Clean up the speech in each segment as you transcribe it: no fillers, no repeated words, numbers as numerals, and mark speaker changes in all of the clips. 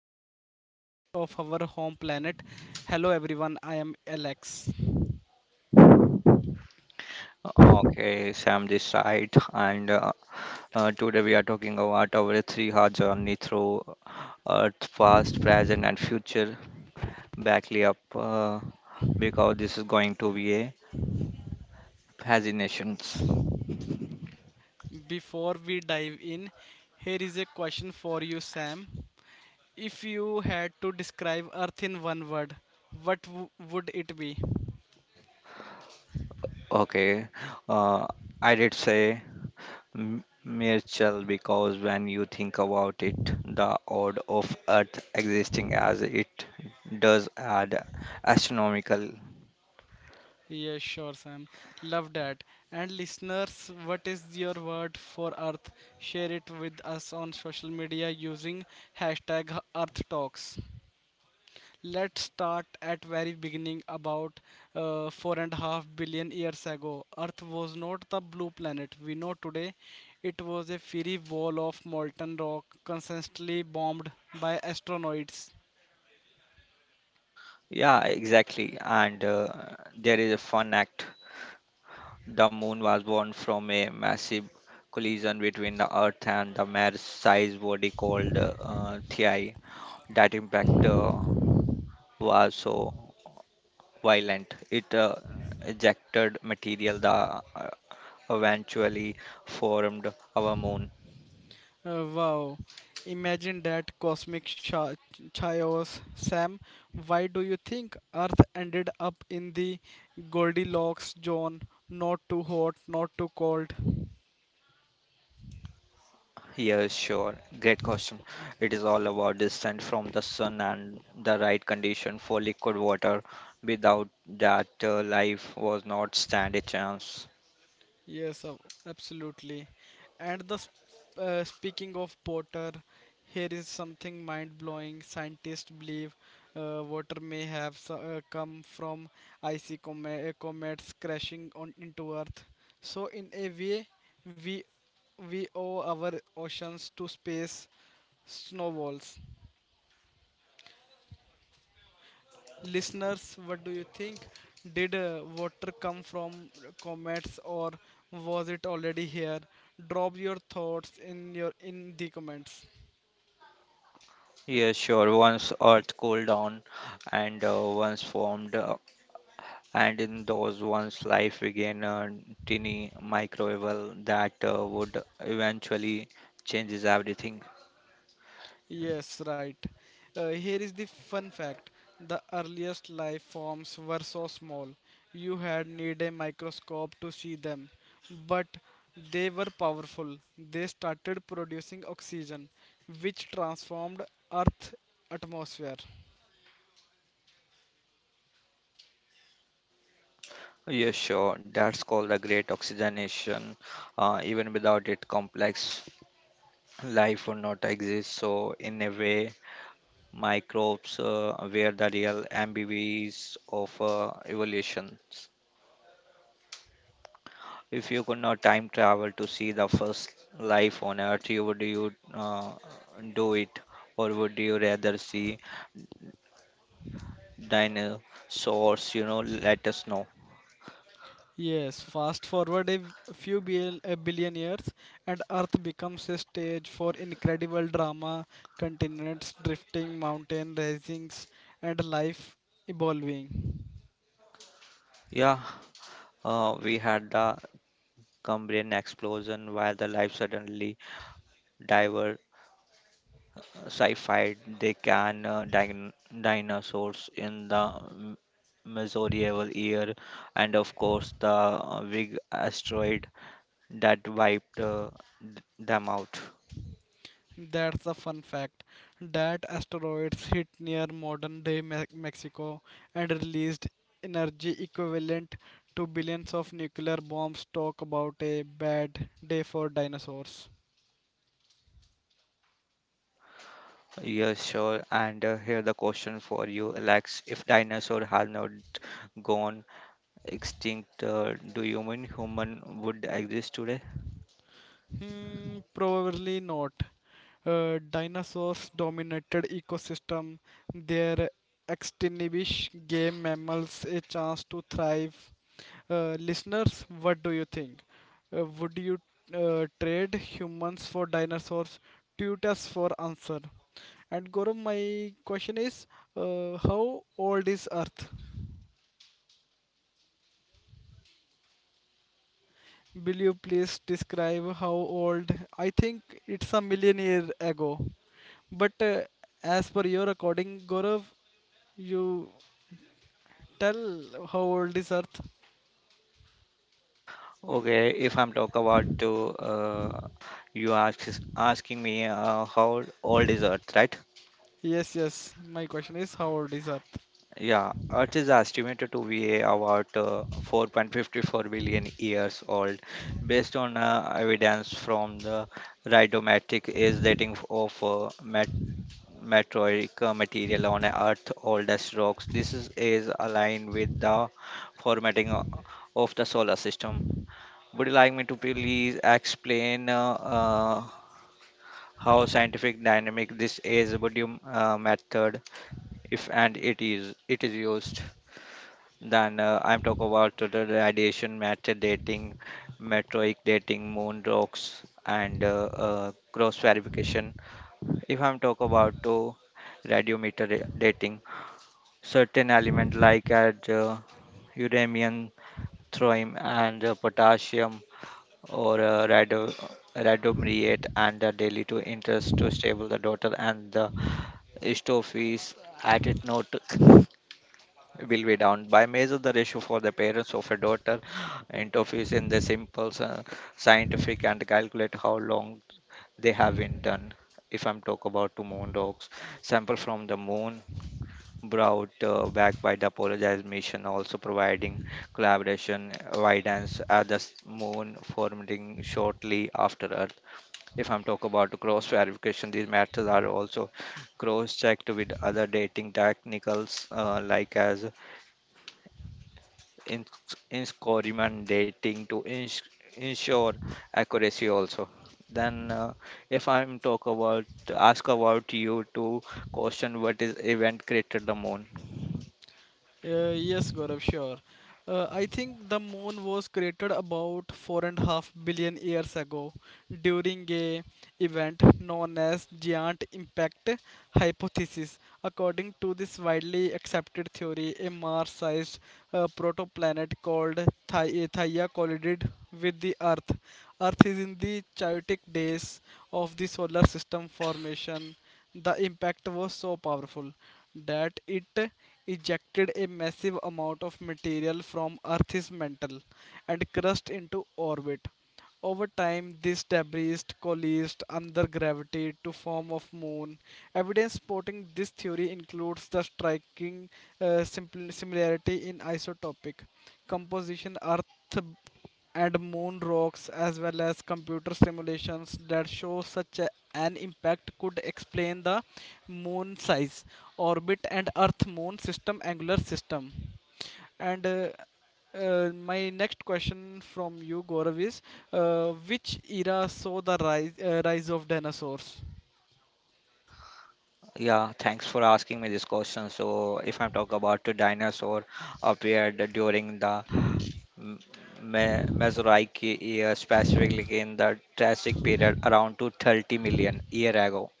Speaker 1: incredible story of our home planet. Hello, everyone, I am Alex.
Speaker 2: Okay, Sam this side, and today we are talking about our 3 hour journey through Earth, past, present, and future. Backly up, because this is going to be a fascinations.
Speaker 1: Before we dive in, here is a question for you, Sam. If you had to describe Earth in one word, what would it be?
Speaker 2: Okay, uh, I did say Mirchal because when you think about it, the odd of Earth existing as it does add astronomical.
Speaker 1: Yeah, sure, Sam. Love that. And listeners, what is your word for Earth? Share it with us on social media using hashtag Earth Talks. Let's start at very beginning about 4.5 billion years ago. Earth was not the blue planet we know today. It was a fiery wall of molten rock constantly bombed by asteroids.
Speaker 2: Yeah, exactly. And there is a fun act. The moon was born from a massive collision between the Earth and the Mars sized body called Theia. That impact was so violent. It ejected material that eventually formed our moon.
Speaker 1: Wow. Imagine that cosmic chaos, Sam. Why do you think Earth ended up in the Goldilocks zone? Not too hot, not too cold.
Speaker 2: Yeah, sure. Great question. It is all about distance from the sun and the right condition for liquid water. Without that, life was not stand a chance.
Speaker 1: Yes, absolutely. And speaking of Potter, here is something mind-blowing. Scientists believe water may have come from icy comets crashing on into Earth. So in a way, we we owe our oceans to space snowballs. Listeners, what do you think? Did water come from comets or was it already here? Drop your thoughts in the comments.
Speaker 2: Yeah, sure. Once Earth cooled down and once formed, and in those once life began a tiny microbial that would eventually changes everything.
Speaker 1: Yes, right. Here is the fun fact. The earliest life forms were so small. You had need a microscope to see them. But they were powerful. They started producing oxygen, which transformed Earth's atmosphere.
Speaker 2: Yeah, sure. That's called the great oxygenation. Even without it, complex life would not exist. So, in a way, microbes were the real MBBs of evolution. If you could not time travel to see the first life on Earth, you would you do it, or would you rather see dinosaurs? You know, let us know.
Speaker 1: Yes, fast forward a billion years, and Earth becomes a stage for incredible drama, continents drifting, mountain risings, and life evolving.
Speaker 2: Yeah, we had the Cambrian explosion where the life suddenly diverged sci-fi. They can dinosaurs in the medieval year, and of course the big asteroid that wiped them out.
Speaker 1: That's a fun fact that asteroids hit near modern day Mexico and released energy equivalent to billions of nuclear bombs. Talk about a bad day for dinosaurs.
Speaker 2: Yes, sure. And here the question for you, Alex: If dinosaur had not gone extinct, do you mean human would exist today?
Speaker 1: Hmm, probably not. Dinosaurs dominated ecosystem. Their extinction gave mammals a chance to thrive. Listeners, what do you think? Would you trade humans for dinosaurs? Tweet us for answer. And Gaurav, my question is, how old is Earth? Will you please describe how old? I think it's a million year ago. But as per your recording, Gaurav, you tell how old is Earth?
Speaker 2: Okay, if I'm talk about to you asking me how old is Earth, right?
Speaker 1: Yes, yes. My question is how old is Earth?
Speaker 2: Yeah, Earth is estimated to be about 4.54 billion years old, based on evidence from the radiometric age dating of meteoric material on Earth's oldest rocks. This is aligned with the formatting of the solar system. Would you like me to please explain how scientific dynamic this is? Would you method, if and it is used? Then I'm talk about total radiation, matter dating, metroic dating, moon rocks, and cross verification. If I'm talk about to radiometer dating, certain element like at uranium, thorium, and potassium or radiomerate and the daily to interest to stable the daughter and the stove is at it note will be down by measure the ratio for the parents of a daughter interviews in the simple scientific and calculate how long they have been done. If I'm talk about to moon dogs sample from the moon brought back by the apologize mission also providing collaboration guidance at the moon forming shortly after earth. If I'm talk about cross verification, these matters are also cross checked with other dating technicals like as in- incorrect dating to ensure accuracy also. Then if I'm talk about ask about you to question what is event created the moon.
Speaker 1: Yes, Gaurav, sure. I think the moon was created about 4.5 billion years ago during a event known as giant impact hypothesis. According to this widely accepted theory, a Mars-sized protoplanet called Theia collided with the Earth. Earth is in the chaotic days of the solar system formation. The impact was so powerful that it ejected a massive amount of material from Earth's mantle and crashed into orbit. Over time, this debris coalesced under gravity to form of moon. Evidence supporting this theory includes the striking similarity in isotopic composition Earth and moon rocks, as well as computer simulations that show such an impact, could explain the moon size, orbit, and Earth moon system angular system. And my next question from you, Gaurav, is which era saw the rise of dinosaurs?
Speaker 2: Yeah, thanks for asking me this question. So if I'm talk about the dinosaur appeared during the M- mesozoic era specifically in the triassic period around to 30 million year ago.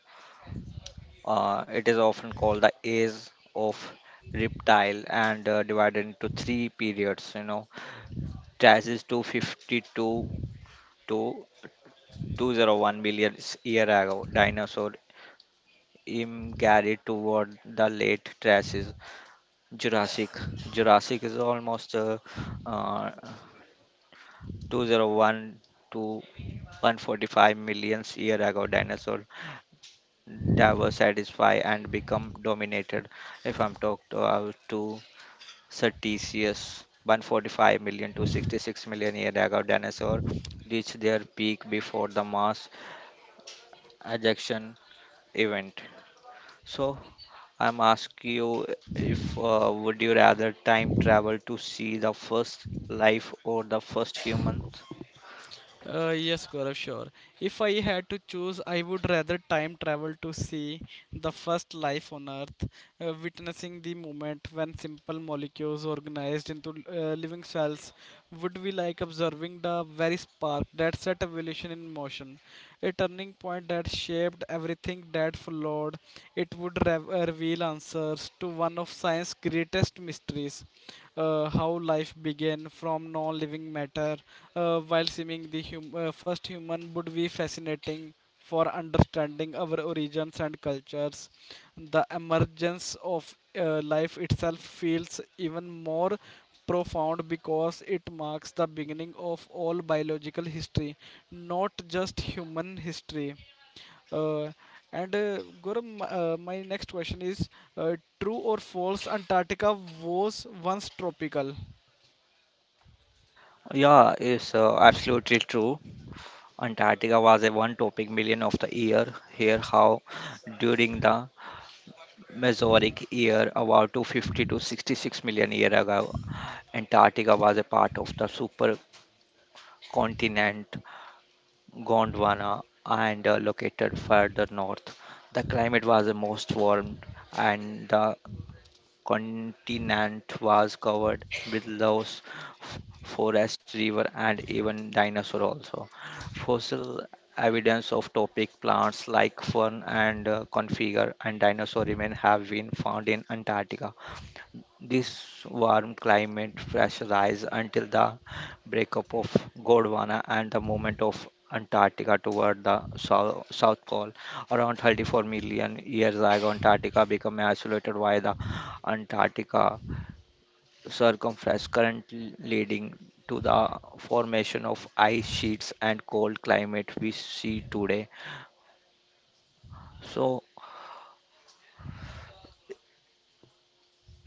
Speaker 2: It is often called the age of reptile and divided into three periods, you know. Traces 252 to 201 million year ago, dinosaur immigrated toward the late Triassic. Jurassic. Jurassic is almost uh, 201 to 145 million year ago dinosaur diversify and become dominated. If I'm talked about to Sir TCS 145 million to 66 million year ago dinosaur reached their peak before the mass ejection event. So I'm asking you, if would you rather time travel to see the first life or the first human?
Speaker 1: Yes, Gaurav, sure. If I had to choose, I would rather time travel to see the first life on Earth, witnessing the moment when simple molecules organized into living cells would be like observing the very spark that set evolution in motion, a turning point that shaped everything that followed. It would reveal answers to one of science's greatest mysteries, how life began from non-living matter. While seeing the first human would be fascinating for understanding our origins and cultures. The emergence of life itself feels even more profound because it marks the beginning of all biological history, not just human history. Uh, and Gauram, my next question is uh, true or false, Antarctica was once tropical?
Speaker 2: Yeah, it's absolutely true. Antarctica was a one topic million of the year. Here how during the Mesozoic year, about 250 to 66 million years ago, Antarctica was a part of the supercontinent Gondwana and located further north. The climate was the most warm, and the continent was covered with loess forest, river, and even dinosaur also. Fossil evidence of topic plants like fern and conifer and dinosaur remain have been found in Antarctica. This warm climate pressurized until the breakup of Gondwana and the movement of Antarctica toward the South Pole. Around 34 million years ago, Antarctica became isolated by the Antarctica circumference current leading to the formation of ice sheets and cold climate we see today. So,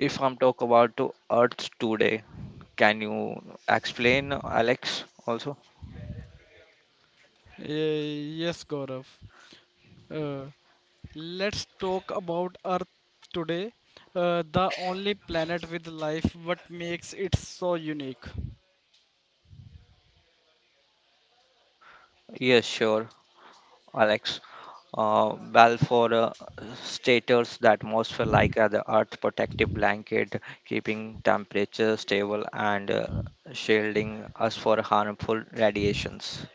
Speaker 2: if I'm talk about to Earth today, can you explain, Alex, also?
Speaker 1: Yes, Gaurav. Uh, let's talk about Earth today, the only planet with life. What makes it so unique?
Speaker 2: Yes, sure, Alex. Balfour states the atmosphere like the earth protective blanket, keeping temperature stable and shielding us for harmful radiations.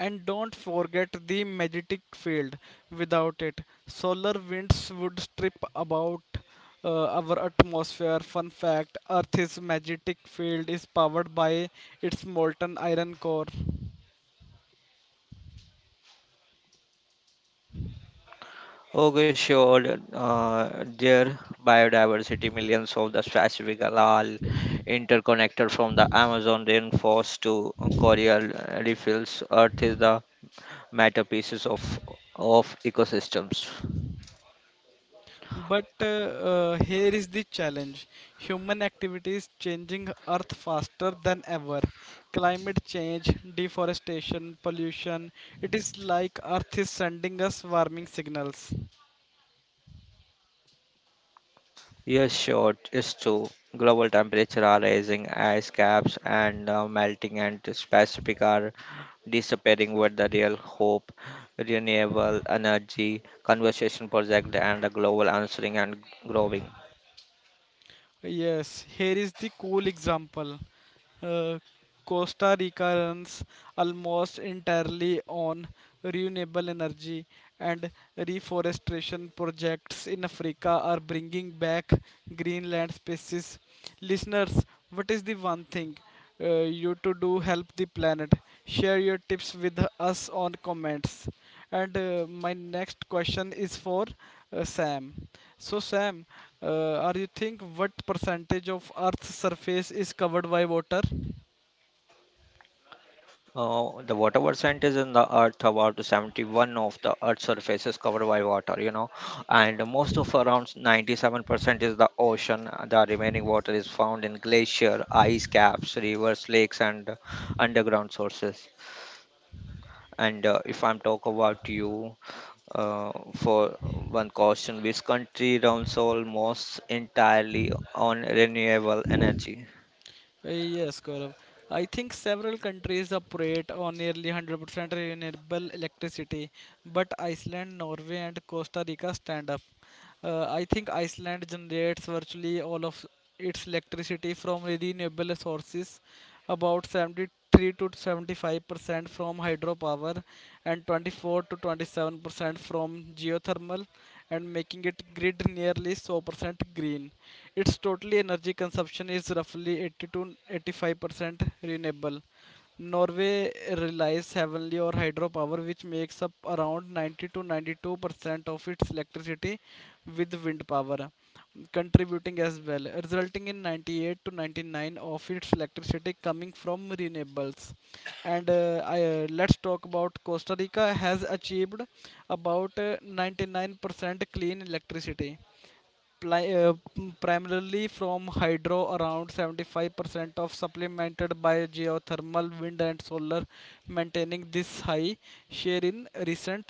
Speaker 1: And don't forget the magnetic field. Without it, solar winds would strip about our atmosphere. Fun fact, Earth's magnetic field is powered by its molten iron core.
Speaker 2: Okay, sure. Dear biodiversity, millions of the specific algal interconnected from the Amazon rainforest to coral reefs. Earth is the matter pieces of ecosystems.
Speaker 1: But here is the challenge. Human activity is changing Earth faster than ever. Climate change, deforestation, pollution, it is like Earth is sending us warming signals.
Speaker 2: Yes, sure, it's true. Global temperature are rising, ice caps and melting, and this Pacific are disappearing. With the real hope, renewable energy, conservation project, and a global answering and growing.
Speaker 1: Yes, here is the cool example. Uh, Costa Rica runs almost entirely on renewable energy, and reforestation projects in Africa are bringing back green land species. Listeners, what is the one thing you to do help the planet? Share your tips with us on comments. And my next question is for Sam. So Sam, are you think what percentage of Earth's surface is covered by water?
Speaker 2: The water percentage in the earth about 71 of the earth's surface is covered by water, you know, and most of around 97% is the ocean. The remaining water is found in glacier, ice caps, rivers, lakes, and underground sources. And if I'm talk about you, for one question, which country runs almost entirely on renewable energy?
Speaker 1: Yes, Gaurav. I think several countries operate on nearly 100% renewable electricity, but Iceland, Norway, and Costa Rica stand up. I think Iceland generates virtually all of its electricity from renewable sources, about 70 3 to 75% from hydropower and 24 to 27% from geothermal and making it grid nearly 100% green. Its total energy consumption is roughly 80 to 85% renewable. Norway relies heavily on hydropower, which makes up around 90 to 92% of its electricity, with wind power contributing as well, resulting in 98 to 99 of its electricity coming from renewables. And let's talk about Costa Rica has achieved about 99% clean electricity, primarily from hydro around 75% of supplemented by geothermal wind and solar, maintaining this high share in recent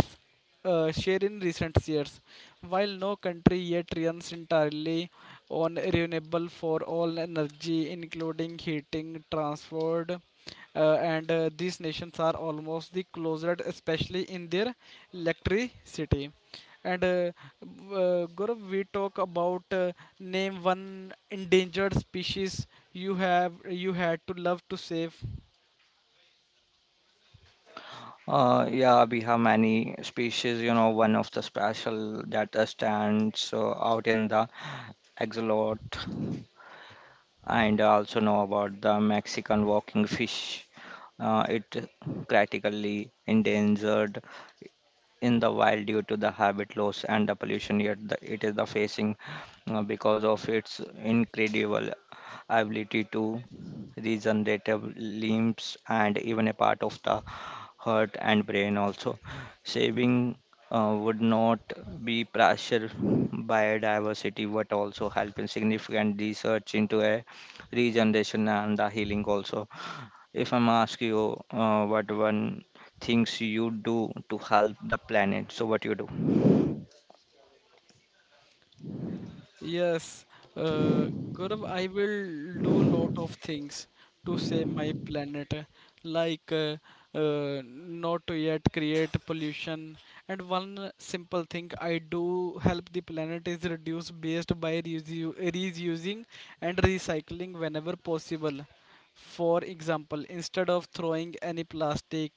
Speaker 1: share in recent years. While no country yet runs entirely on renewable for all energy, including heating, transport, and these nations are almost the closest, especially in their electricity. And Gaurav, we talk about name one endangered species you had to love to save.
Speaker 2: Yeah, we have many species. You know, one of the special that stands out in the axolot, and I also know about the Mexican walking fish. It critically endangered in the wild due to the habit loss and the pollution, yet the, it is the facing because of its incredible ability to regenerative limbs and even a part of the heart and brain also. Saving would not be pressure biodiversity but also helping significant research into a regeneration and the healing also. If I'm asking you, what one things you do to help the planet, so what you do?
Speaker 1: Yes, Gaurav, I will do lot of things to save my planet, like uh, not to yet create pollution. And one simple thing I do help the planet is reduce waste by reusing and recycling whenever possible. For example, instead of throwing any plastic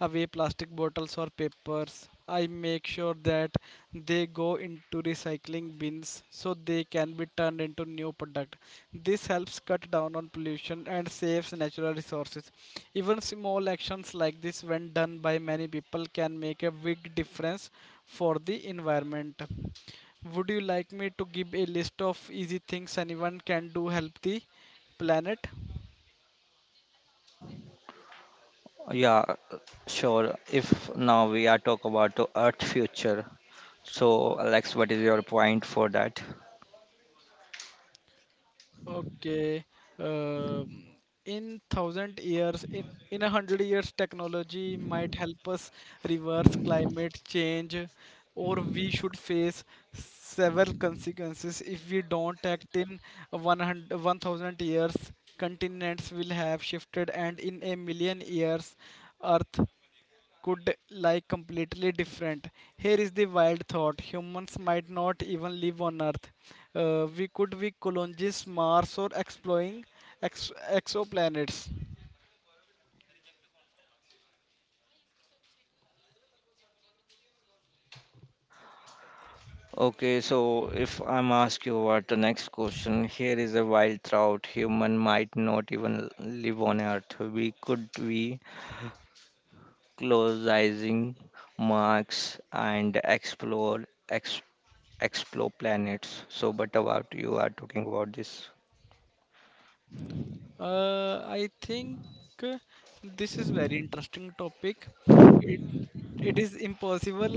Speaker 1: away, plastic bottles or papers, I make sure that they go into recycling bins so they can be turned into new product. This helps cut down on pollution and saves natural resources. Even small actions like this, when done by many people, can make a big difference for the environment. Would you like me to give a list of easy things anyone can do help the planet?
Speaker 2: Yeah, sure. If now we are talk about the Earth future, so Alex, what is your point for that?
Speaker 1: Okay. Um in thousand years, in 100 years, technology might help us reverse climate change, or we should face several consequences if we don't act in 100 1000 years. Continents will have shifted, and in a million years, Earth could like completely different. Here is the wild thought: humans might not even live on Earth. We could be colonize Mars or exploring ex- exoplanets.
Speaker 2: Okay, so if I'm ask you what the next question, here is a wild thought. Human might not even live on Earth. We could be closing Mars and explore planets. So, but about you are talking about this.
Speaker 1: I think uh, this is very interesting topic. It it is impossible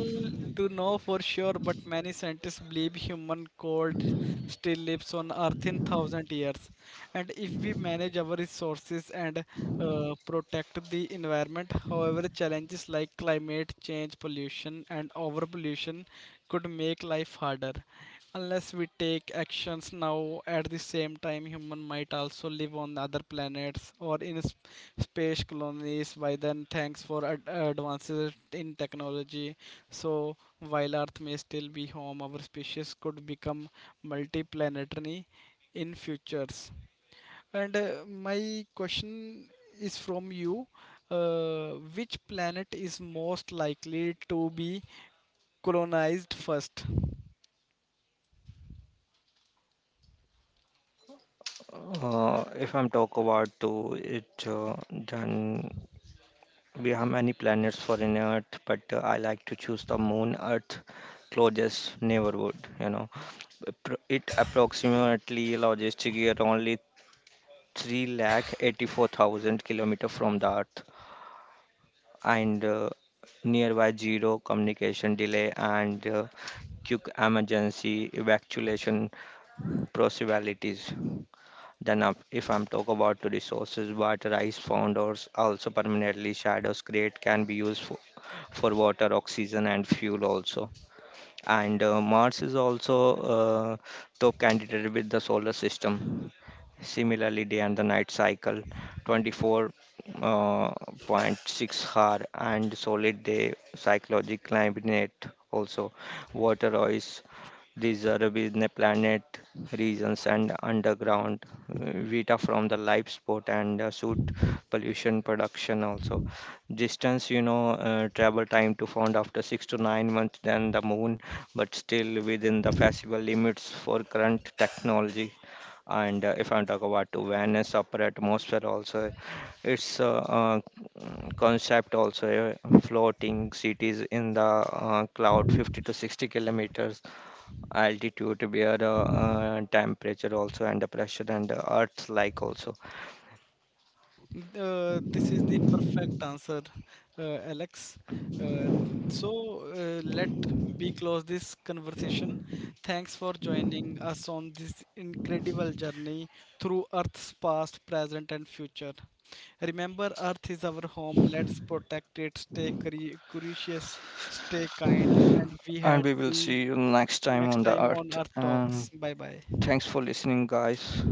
Speaker 1: to know for sure, but many scientists believe human cold still lives on Earth in thousand years. And if we manage our resources and protect the environment, however, challenges like climate change, pollution, and overpollution could make life harder. Unless we take actions now, at the same time, human might also live on other planets or in space colonies. By then, thanks for advances in technology. So, while Earth may still be home, our species could become multiplanetary in futures. And my question is from you: uh, which planet is most likely to be colonized first?
Speaker 2: If I'm talk about to it, then we have many planets for in Earth, but I like to choose the Moon Earth closest neighborhood. You know, it approximately logistic year only three lakh 84,000 kilometer from the Earth and. Nearby zero communication delay and quick emergency evacuation possibilities. Than if I'm talk about the resources, what rice founders also permanently shadows create can be used for water, oxygen and fuel also. And Mars is also top candidate with the solar system. Similarly, day and the night cycle, 24.6 hour and solid day cyclogic climate also water ice. These are within the planet regions and underground vita from the life sport and suit pollution production also. Distance, you know, travel time to found after 6 to 9 months than the moon, but still within the feasible limits for current technology. And if I'm talking about to Venus upper atmosphere also, its concept also, floating cities in the cloud 50 to 60 kilometers altitude where temperature also and the pressure and the earth like also.
Speaker 1: This is the perfect answer, Alex. Uh, so let me close this conversation. Thanks for joining us on this incredible journey through Earth's past, present, and future. Remember, Earth is our home. Let's protect it. Stay curious, stay kind, and we
Speaker 2: And
Speaker 1: had
Speaker 2: we will
Speaker 1: see
Speaker 2: see you next time
Speaker 1: next
Speaker 2: on the
Speaker 1: time on
Speaker 2: earth,
Speaker 1: Earth Talks.
Speaker 2: and
Speaker 1: Bye bye.
Speaker 2: thanks for listening guys.